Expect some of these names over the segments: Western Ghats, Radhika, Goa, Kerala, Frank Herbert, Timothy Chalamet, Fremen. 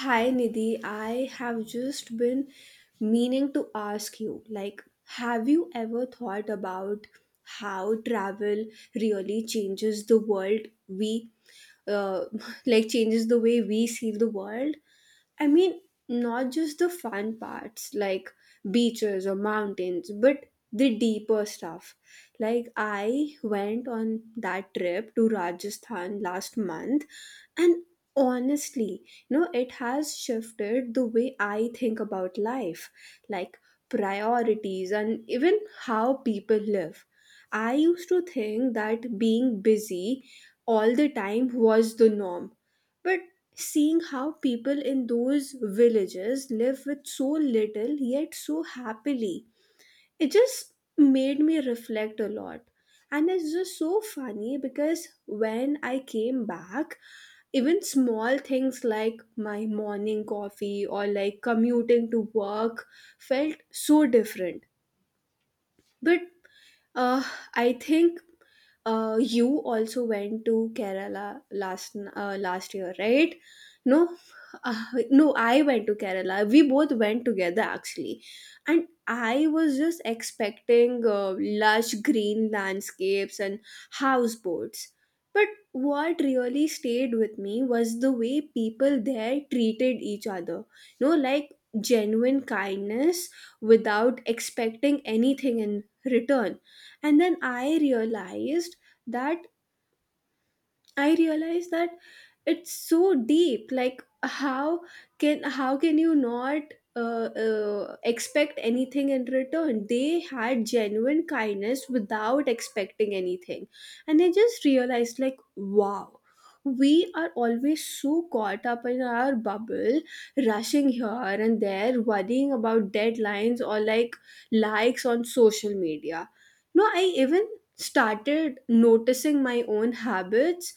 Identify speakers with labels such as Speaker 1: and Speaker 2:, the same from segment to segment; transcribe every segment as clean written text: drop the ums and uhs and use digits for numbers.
Speaker 1: Hi Nidhi, I have just been meaning to ask you, like, have you ever thought about how travel really changes the world we uh, like changes the way we see the world? I mean, not just the fun parts like beaches or mountains, but the deeper stuff. Like, I went on that trip to Rajasthan last month, and honestly, you know, it has shifted the way I think about life, like priorities, and even how people live. I used to think that being busy all the time was the norm. But seeing how people in those villages live with so little yet so happily, it just made me reflect a lot. And it's just so funny because when I came back, even small things like my morning coffee or like commuting to work felt so different. But uh, I think you also went to Kerala last year, right? No, uh, no, I went to Kerala. We both went together actually, and I was just expecting lush green landscapes and houseboats. But what really stayed with me was the way people there treated each other. You know, like genuine kindness without expecting anything in return. And then I realized that I realize that it's so deep. Like how can you not expect anything in return? They had genuine kindness without expecting anything, and I just realized, like, wow. We are always so caught up in our bubble, rushing here and there, worrying about deadlines or like likes on social media. No, I even started noticing my own habits,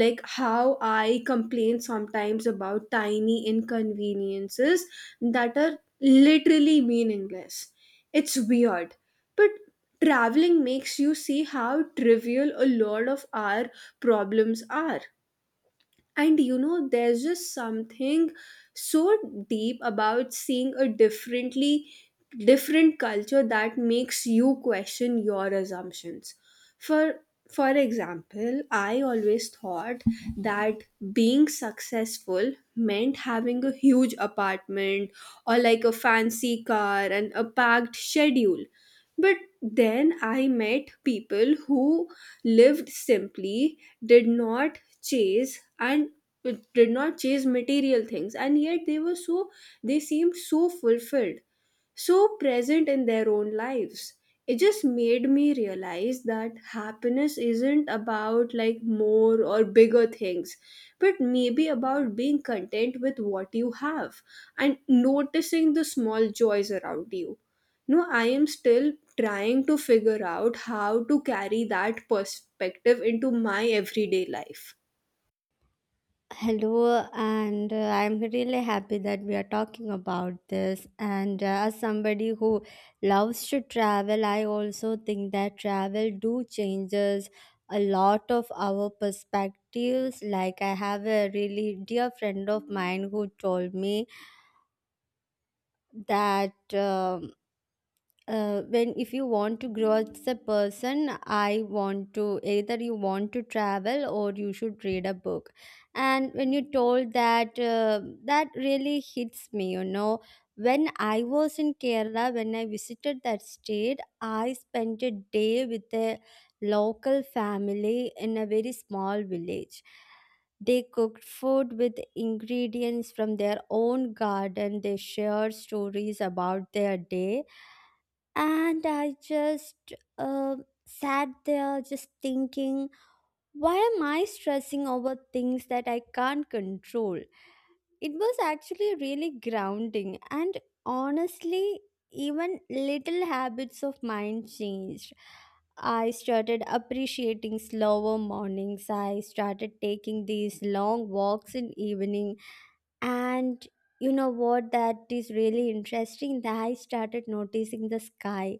Speaker 1: like how I complain sometimes about tiny inconveniences that are literally meaningless. It's weird, but traveling makes you see how trivial a lot of our problems are. And you know, there's just something so deep about seeing a different culture that makes you question your assumptions. For for example, I always thought that being successful meant having a huge apartment or like a fancy car and a packed schedule. But then I met people who lived simply, did not chase and it did not chase material things, and yet they were they seemed so fulfilled, so present in their own lives. It just made me realize that happiness isn't about like more or bigger things, but maybe about being content with what you have and noticing the small joys around you. No, I am still trying to figure out how to carry that perspective into my everyday life.
Speaker 2: Hello, and I'm really happy that we are talking about this. And as somebody who loves to travel, I also think that travel do changes a lot of our perspectives. Like I have a really dear friend of mine who told me that. When if you want to grow as a person I want to either you want to travel or you should read a book. And when you told that, that really hits me. When I was in Kerala, when I visited that state, I spent a day with a local family in a very small village. They cooked food with ingredients from their own garden. They shared stories about their day, and I just sat there just thinking, why am I stressing over things that I can't control? It was actually really grounding, and honestly, even little habits of mine changed. I started appreciating slower mornings. I started taking these long walks in evening, and you know what, that is really interesting that I started noticing the sky.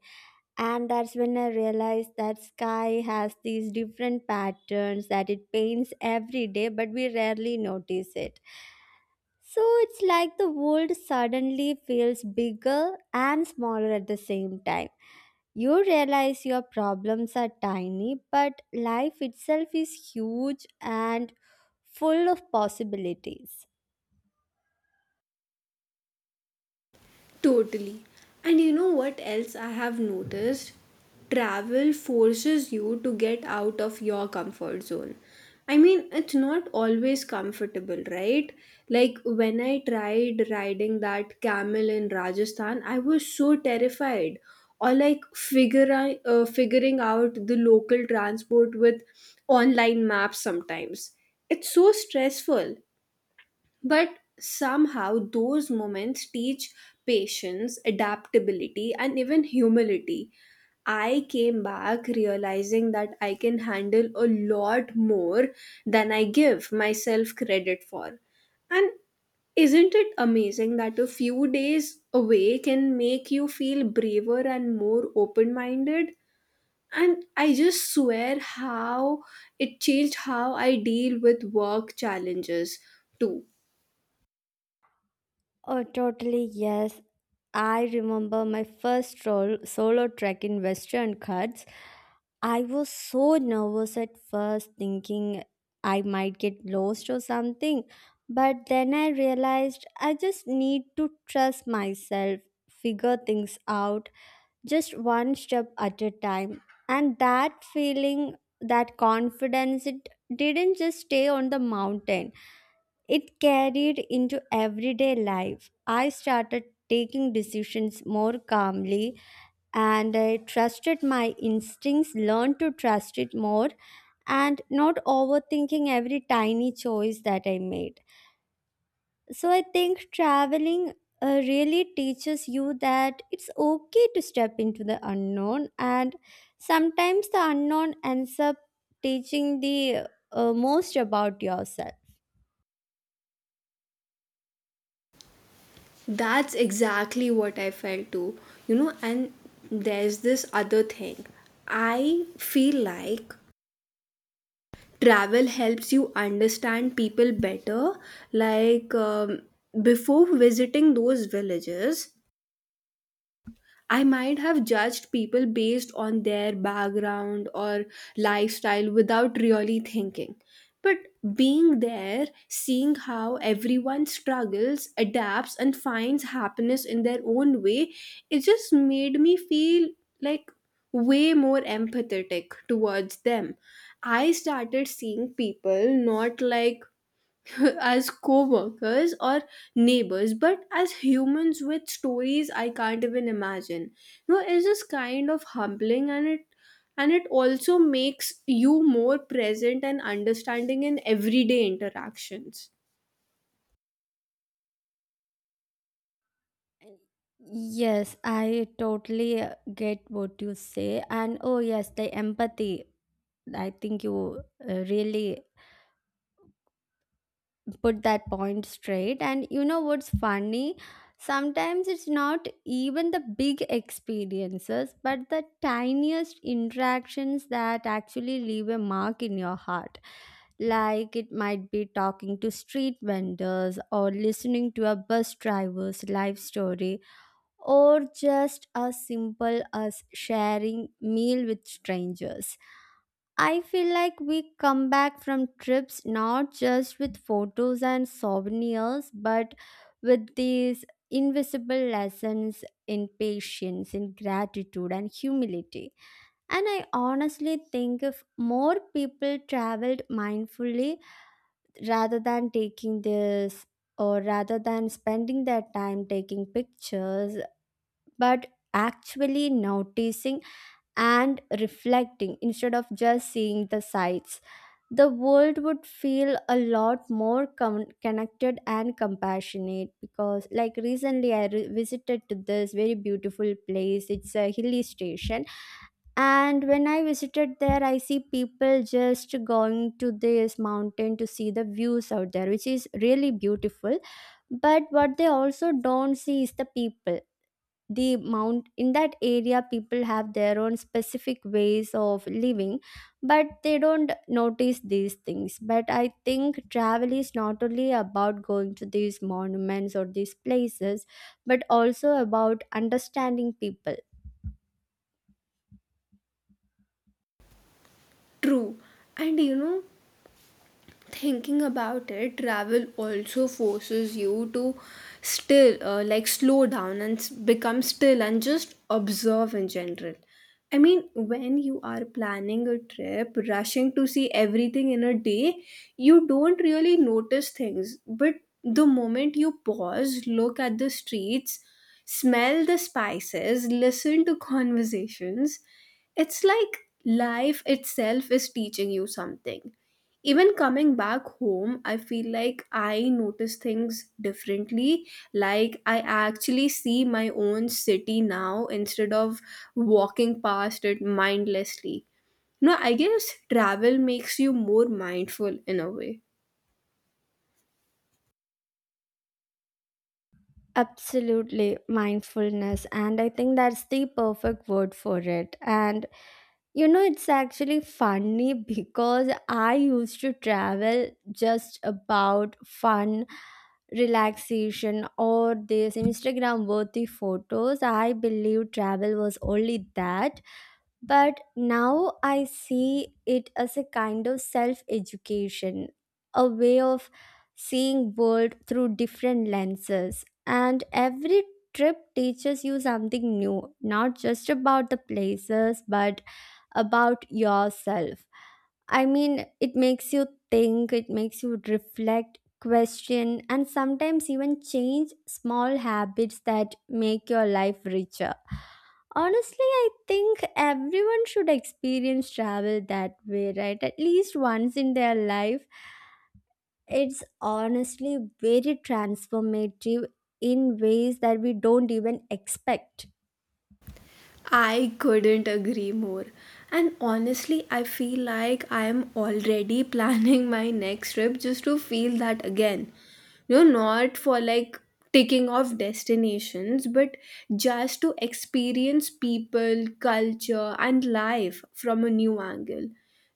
Speaker 2: And that's when I realized that sky has these different patterns that it paints every day, but we rarely notice it. So it's like the world suddenly feels bigger and smaller at the same time. You realize your problems are tiny, but life itself is huge and full of possibilities.
Speaker 1: Totally. And you know what else I have noticed? Travel forces you to get out of your comfort zone. I mean, it's not always comfortable, right? Like when I tried riding that camel in Rajasthan, I was so terrified. Or like figuring out the local transport with online maps sometimes. It's so stressful. But somehow, those moments teach patience, adaptability, and even humility. I came back realizing that I can handle a lot more than I give myself credit for. And isn't it amazing that a few days away can make you feel braver and more open minded? And I just swear how it changed how I deal with work challenges too.
Speaker 2: Oh, totally, yes. I remember my first solo trek in Western Ghats. I was so nervous at first, thinking I might get lost or something. But then I realized I just need to trust myself, figure things out, just one step at a time. And that feeling, that confidence, it didn't just stay on the mountain, it carried into everyday life. I started taking decisions more calmly, and I trusted my instincts, learned to trust it more, and not overthinking every tiny choice that I made. So I think traveling really teaches you that it's okay to step into the unknown, and sometimes the unknown ends up teaching the most about yourself.
Speaker 1: That's exactly what I felt too. You know, and there's this other thing. I feel like travel helps you understand people better. Like, before visiting those villages, I might have judged people based on their background or lifestyle without really thinking. But being there, seeing how everyone struggles, adapts, and finds happiness in their own way, it just made me feel like way more empathetic towards them. I started seeing people not like as co-workers or neighbors, but as humans with stories I can't even imagine. You know, it's just kind of humbling, and it also makes you more present and understanding in everyday interactions.
Speaker 2: Yes, I totally get what you say. And oh, yes, the empathy. I think you really put that point straight. And you know what's funny? Sometimes it's not even the big experiences, but the tiniest interactions that actually leave a mark in your heart. Like it might be talking to street vendors or listening to a bus driver's life story, or just as simple as sharing meal with strangers. I feel like we come back from trips not just with photos and souvenirs, but with these invisible lessons in patience, in gratitude and humility. And I honestly think if more people traveled mindfully rather than taking this, or rather than spending their time taking pictures, but actually noticing and reflecting instead of just seeing the sights. The world would feel a lot more connected and compassionate because, like, recently I visited to this very beautiful place. It's a hilly station, and when I visited there, I see people just going to this mountain to see the views out there, which is really beautiful. But what they also don't see is the people, the mount in that area. People have their own specific ways of living, but they don't notice these things. But I think travel is not only about going to these monuments or these places, but also about understanding people.
Speaker 1: True. And you know, thinking about it, travel also forces you to still like slow down and become still and just observe in general. I mean, when you are planning a trip, rushing to see everything in a day, you don't really notice things. But the moment you pause, look at the streets, smell the spices, listen to conversations, it's like life itself is teaching you something. Even coming back home, I feel like I notice things differently, like I actually see my own city now instead of walking past it mindlessly. No, I guess travel makes you more mindful in a way.
Speaker 2: Absolutely, mindfulness, and I think that's the perfect word for it. And you know, it's actually funny because I used to travel just about fun, relaxation, or these Instagram worthy photos. I believe travel was only that. But now I see it as a kind of self education, a way of seeing world through different lenses. And every trip teaches you something new, not just about the places, but about yourself. I mean, it makes you think, it makes you reflect, question, and sometimes even change small habits that make your life richer. Honestly, I think everyone should experience travel that way, right? At least once in their life. It's honestly very transformative in ways that we don't even expect.
Speaker 1: I couldn't agree more. And honestly, I feel like I am already planning my next trip just to feel that again. You know, not for like ticking off destinations, but just to experience people, culture, and life from a new angle.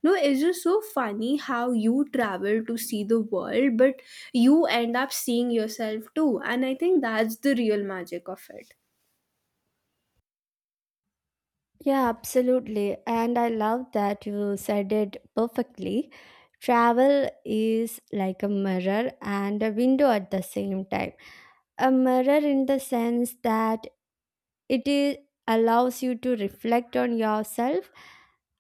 Speaker 1: No, it's just so funny how you travel to see the world, but you end up seeing yourself too. And I think that's the real magic of it.
Speaker 2: Yeah, absolutely. And I love that you said it perfectly. Travel is like a mirror and a window at the same time. A mirror in the sense that it is, allows you to reflect on yourself,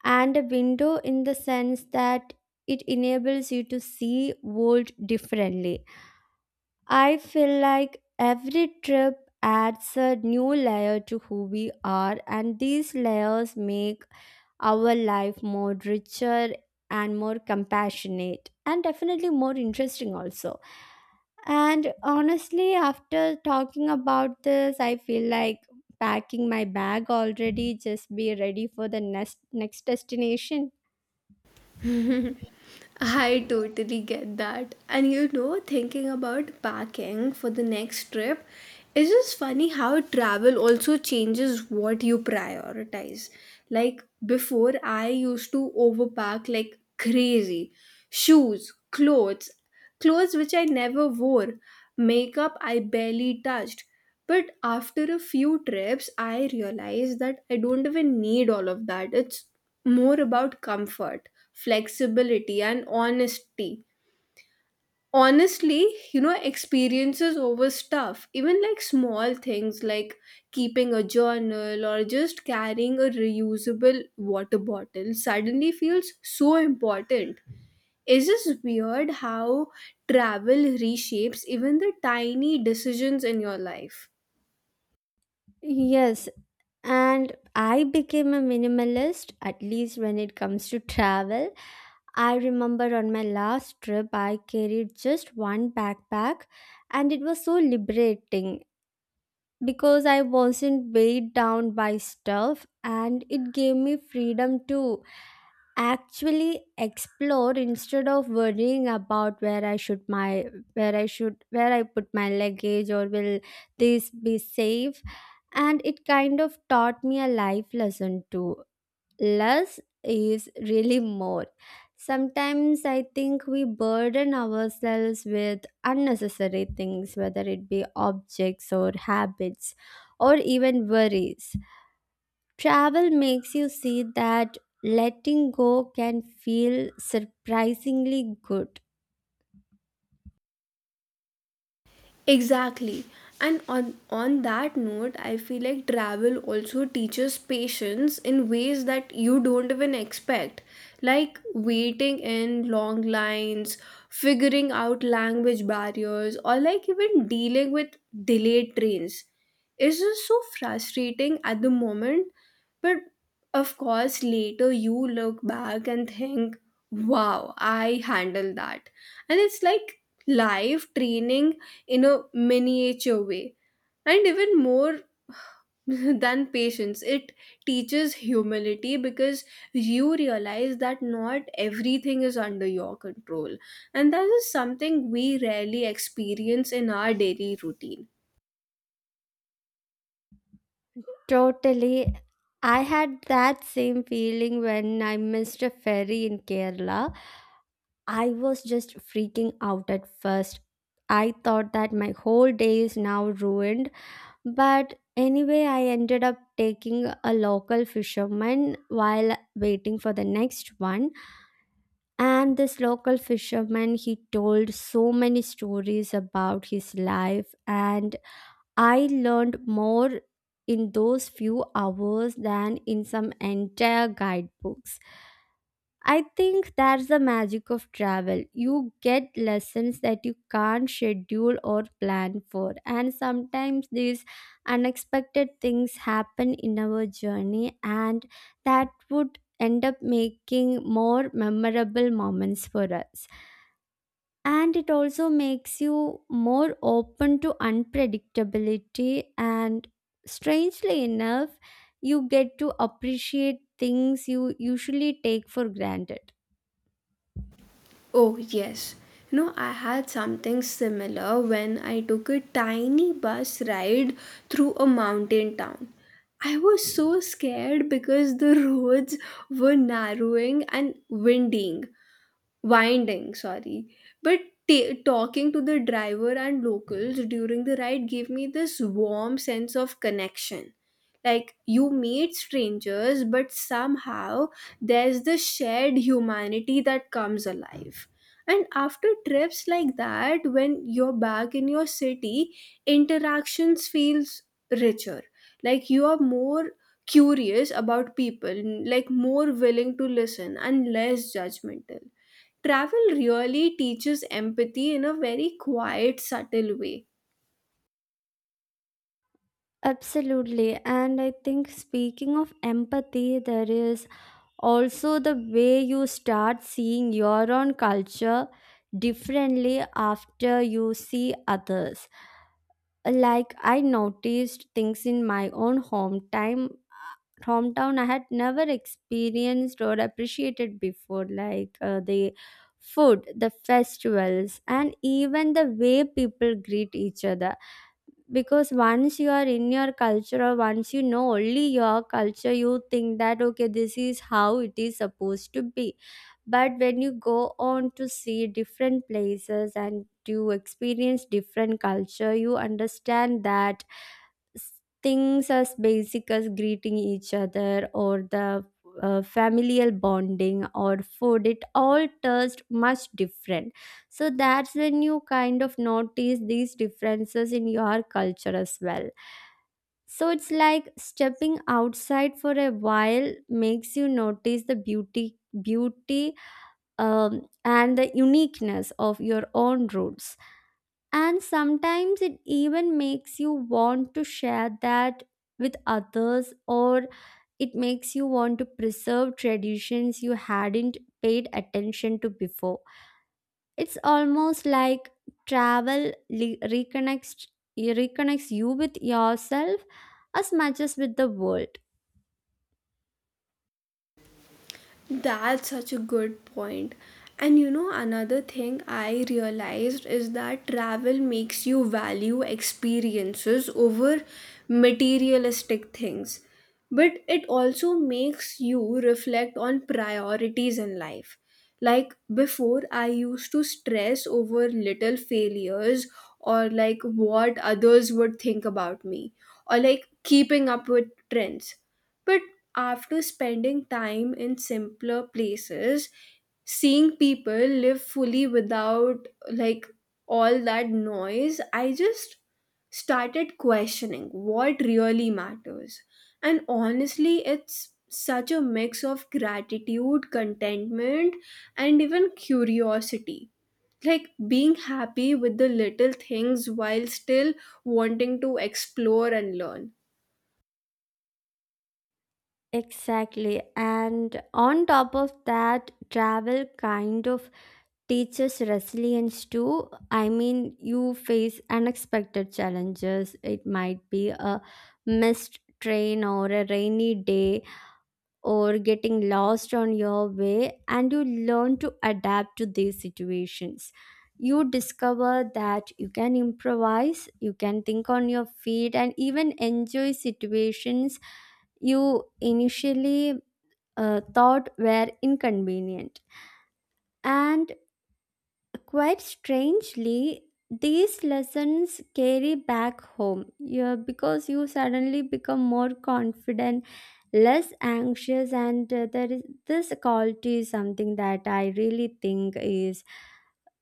Speaker 2: and a window in the sense that it enables you to see world differently. I feel like every trip adds a new layer to who we are, and these layers make our life more richer and more compassionate and definitely more interesting also. And honestly, after talking about this, I feel like packing my bag already, just be ready for the next destination.
Speaker 1: I totally get that. And you know, thinking about packing for the next trip, it's just funny how travel also changes what you prioritize. Like before, I used to overpack like crazy. Shoes, clothes. Clothes which I never wore, makeup I barely touched. But after a few trips, I realized that I don't even need all of that. It's more about comfort, flexibility, and honesty. Honestly, you know, experiences over stuff, even like small things like keeping a journal or just carrying a reusable water bottle, suddenly feels so important. Is this weird how travel reshapes even the tiny decisions in your life?
Speaker 2: Yes, and I became a minimalist, at least when it comes to travel. I remember on my last trip, I carried just one backpack, and it was so liberating, because I wasn't weighed down by stuff, and it gave me freedom to actually explore instead of worrying about where I should my where I should where I put my luggage, or will this be safe. And it kind of taught me a life lesson too, less is really more. Sometimes I think we burden ourselves with unnecessary things, whether it be objects or habits or even worries. Travel makes you see that letting go can feel surprisingly good.
Speaker 1: Exactly. And on that note, I feel like travel also teaches patience in ways that you don't even expect. Like waiting in long lines, figuring out language barriers, or like even dealing with delayed trains. It's just so frustrating at the moment. But of course, later you look back and think, wow, I handled that. And it's like live training in a miniature way. And even more than patience, it teaches humility because you realize that not everything is under your control. And that is something we rarely experience in our daily routine.
Speaker 2: Totally. I had that same feeling when I missed a ferry in Kerala. I was just freaking out at first. I thought that my whole day is now ruined, but anyway, I ended up taking a local fisherman while waiting for the next one. And this local fisherman, he told so many stories about his life, and I learned more in those few hours than in some entire guidebooks. I think that's the magic of travel. You get lessons that you can't schedule or plan for. And sometimes these unexpected things happen in our journey, and that would end up making more memorable moments for us. And it also makes you more open to unpredictability, and strangely enough, you get to appreciate things you usually take for granted.
Speaker 1: Oh, yes. You know, I had something similar when I took a tiny bus ride through a mountain town. I was so scared because the roads were narrowing and winding, sorry. But ta talking to the driver and locals during the ride gave me this warm sense of connection. Like you meet strangers, but somehow there's this shared humanity that comes alive. And after trips like that, when you're back in your city, interactions feels richer. Like you are more curious about people, like more willing to listen and less judgmental. Travel really teaches empathy in a very quiet, subtle way.
Speaker 2: Absolutely. And I think speaking of empathy, there is also the way you start seeing your own culture differently after you see others. Like I noticed things in my own hometown I had never experienced or appreciated before, like the food, the festivals, and even the way people greet each other. Because once you are in your culture, or once you know only your culture, you think that okay, this is how it is supposed to be. But when you go on to see different places and you experience different culture, you understand that s- things as basic as greeting each other or the familial bonding or food, it all tastes much different. So that's when you kind of notice these differences in your culture as well. So it's like stepping outside for a while makes you notice the beauty and the uniqueness of your own roots. And sometimes it even makes you want to share that with others, or it makes you want to preserve traditions you hadn't paid attention to before. It's almost like travel reconnects, reconnects you with yourself as much as with the world.
Speaker 1: That's such a good point. And you know, another thing I realized is that travel makes you value experiences over materialistic things. But it also makes you reflect on priorities in life. Like before, I used to stress over little failures or like what others would think about me or like keeping up with trends. But after spending time in simpler places, seeing people live fully without like all that noise, I just started questioning what really matters. And honestly, it's such a mix of gratitude, contentment, and even curiosity. Like being happy with the little things while still wanting to explore and learn.
Speaker 2: Exactly. And on top of that, travel kind of teaches resilience too. I mean, you face unexpected challenges. It might be a missed train or a rainy day or getting lost on your way, and you learn to adapt to these situations. You discover that you can improvise, you can think on your feet, and even enjoy situations you initially thought were inconvenient. And quite strangely, these lessons carry back home, yeah, because you suddenly become more confident, less anxious, and there is this quality is something that I really think is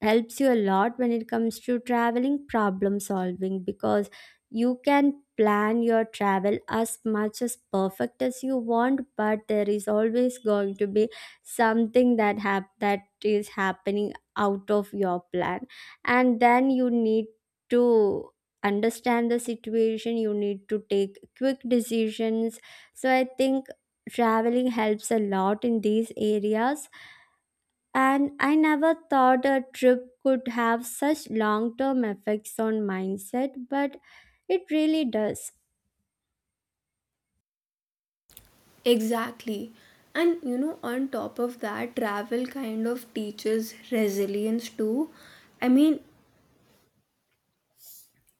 Speaker 2: helps you a lot when it comes to traveling problem solving. Because you can plan your travel as much as perfect as you want, but there is always going to be something that that is happening out of your plan. And then you need to understand the situation, you need to take quick decisions. So I think traveling helps a lot in these areas. And I never thought a trip could have such long term effects on mindset, but it really does.
Speaker 1: Exactly. And you know, on top of that, travel kind of teaches resilience too. I mean,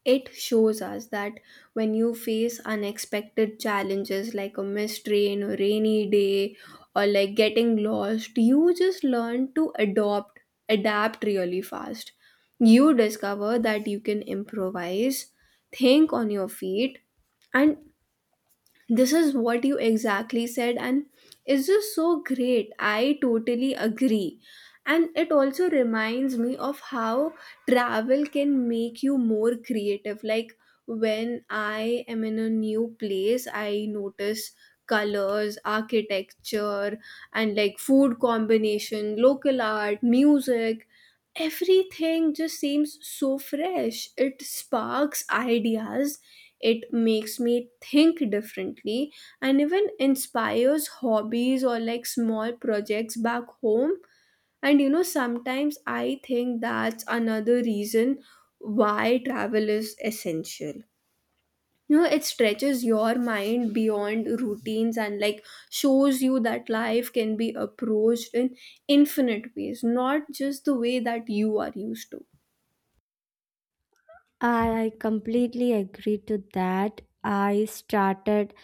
Speaker 1: it shows us that when you face unexpected challenges like a missed train or rainy day or like getting lost, you just learn to adapt really fast. You discover that you can improvise, think on your feet, and this is what you exactly said, and it's just so great. I totally agree. And it also reminds me of how travel can make you more creative. Like when I am in a new place, I notice colors, architecture, and like food combination, local art, music. Everything just seems so fresh. It sparks ideas, it makes me think differently, and even inspires hobbies or like small projects back home. And you know, sometimes I think that's another reason why travel is essential. You know, it stretches your mind beyond routines and like shows you that life can be approached in infinite ways, not just the way that you are used to.
Speaker 2: I completely agree to that. I started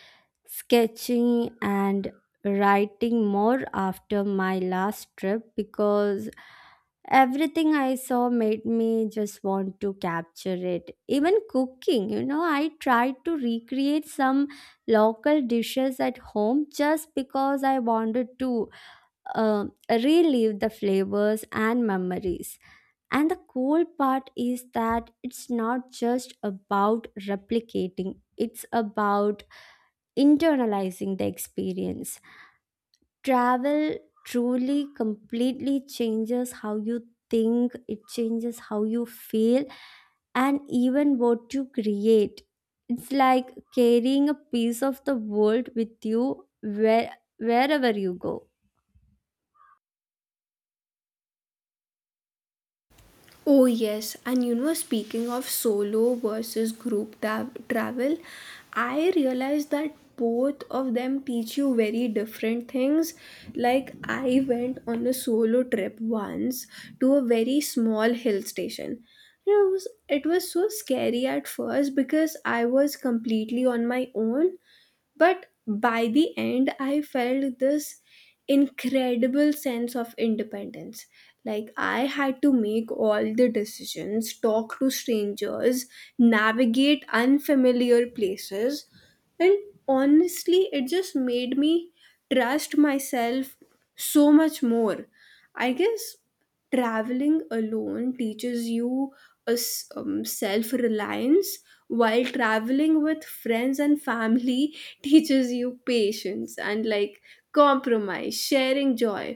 Speaker 2: sketching and writing more after my last trip, because everything I saw made me just want to capture it. Even cooking, you know, I tried to recreate some local dishes at home just because I wanted to relive the flavors and memories. And the cool part is that it's not just about replicating, it's about internalizing the experience. Travel truly completely changes how you think, it changes how you feel, and even what you create. It's like carrying a piece of the world with you where, wherever you go.
Speaker 1: Oh, yes, and you know, speaking of solo versus travel, I realized that both of them teach you very different things. Like, I went on a solo trip once to a very small hill station. You know, it was so scary at first because I was completely on my own, but by the end, I felt this incredible sense of independence. Like, I had to make all the decisions, talk to strangers, navigate unfamiliar places. And honestly, it just made me trust myself so much more. I guess traveling alone teaches you self-reliance, while traveling with friends and family teaches you patience and like compromise, sharing joy.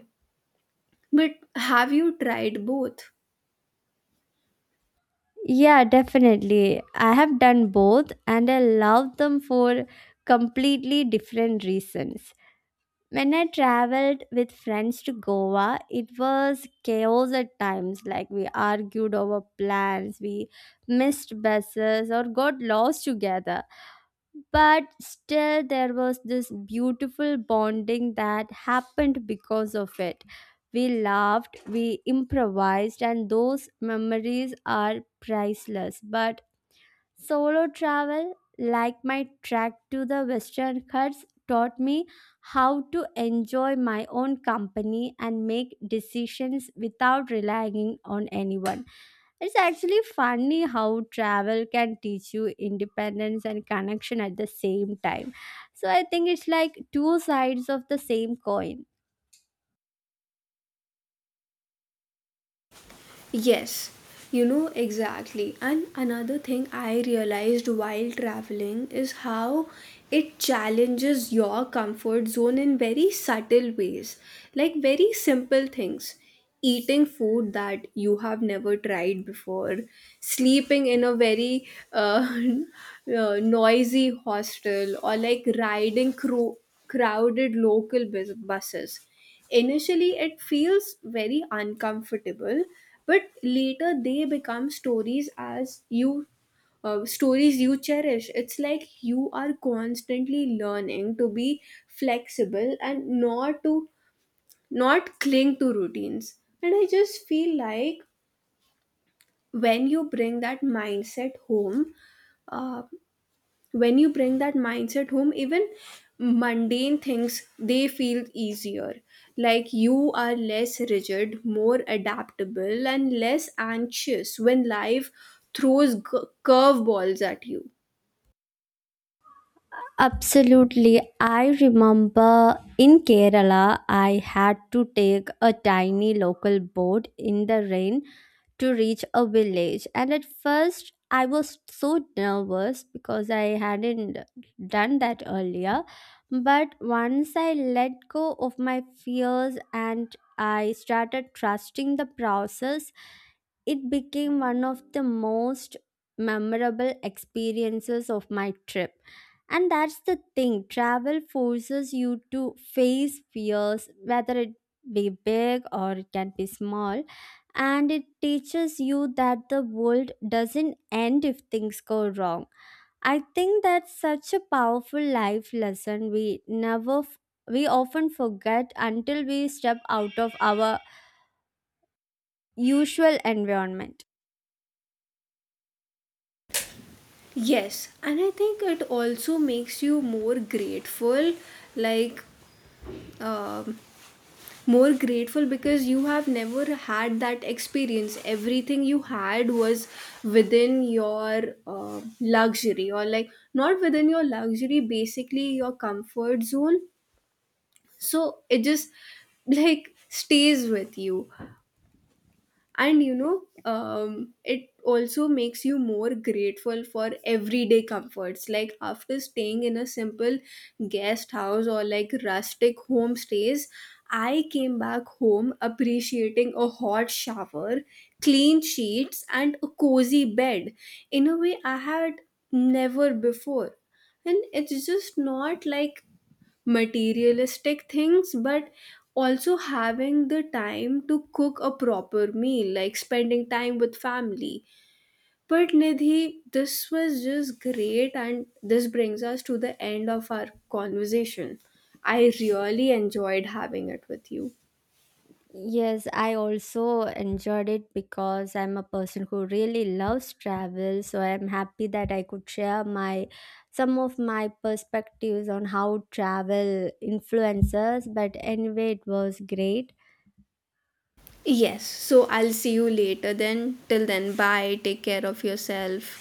Speaker 1: But have you tried both?
Speaker 2: Yeah, definitely. I have done both, and I love them for completely different reasons. When I traveled with friends to Goa, it was chaos at times. Like we argued over plans, we missed buses, or got lost together. But still, there was this beautiful bonding that happened because of it. We laughed, we improvised, and those memories are priceless. But solo travel, like my trek to the Western Ghats, taught me how to enjoy my own company and make decisions without relying on anyone. It's actually funny how travel can teach you independence and connection at the same time. So I think it's like two sides of the same coin.
Speaker 1: Yes, you know, exactly. And another thing I realized while traveling is how it challenges your comfort zone in very subtle ways, like very simple things. Eating food that you have never tried before, sleeping in a very noisy hostel, or like riding crowded local buses. Initially, it feels very uncomfortable, but later they become stories as you stories you cherish. It's like you are constantly learning to be flexible and not cling to routines. And I just feel like when you bring that mindset home, uh, when you bring that mindset home, even mundane things, they feel easier. Like you are less rigid, more adaptable, and less anxious when life throws curveballs at you.
Speaker 2: Absolutely. I remember in Kerala, I had to take a tiny local boat in the rain to reach a village. And at first, I was so nervous because I hadn't done that earlier. But once I let go of my fears and I started trusting the process, it became one of the most memorable experiences of my trip. And that's the thing, travel forces you to face fears, whether it be big or it can be small, and it teaches you that the world doesn't end if things go wrong. I think that's such a powerful life lesson we never we often forget until we step out of our usual environment.
Speaker 1: Yes, and I think it also makes you more grateful. Like, um, more grateful because you have never had that experience. Everything you had was within your luxury, or like not within your luxury, basically your comfort zone. So it just like stays with you. And you know, it also makes you more grateful for everyday comforts, like after staying in a simple guest house or like rustic homestays, I came back home appreciating a hot shower, clean sheets, and a cozy bed in a way I had never before. And it's just not like materialistic things, but also having the time to cook a proper meal, like spending time with family. But Nidhi, this was just great, and this brings us to the end of our conversation. I really enjoyed having it with you.
Speaker 2: Yes, I also enjoyed it because I'm a person who really loves travel, so I'm happy that I could share my some of my perspectives on how travel influences, but anyway, it was great.
Speaker 1: Yes, so I'll see you later then. Till then, bye, take care of yourself.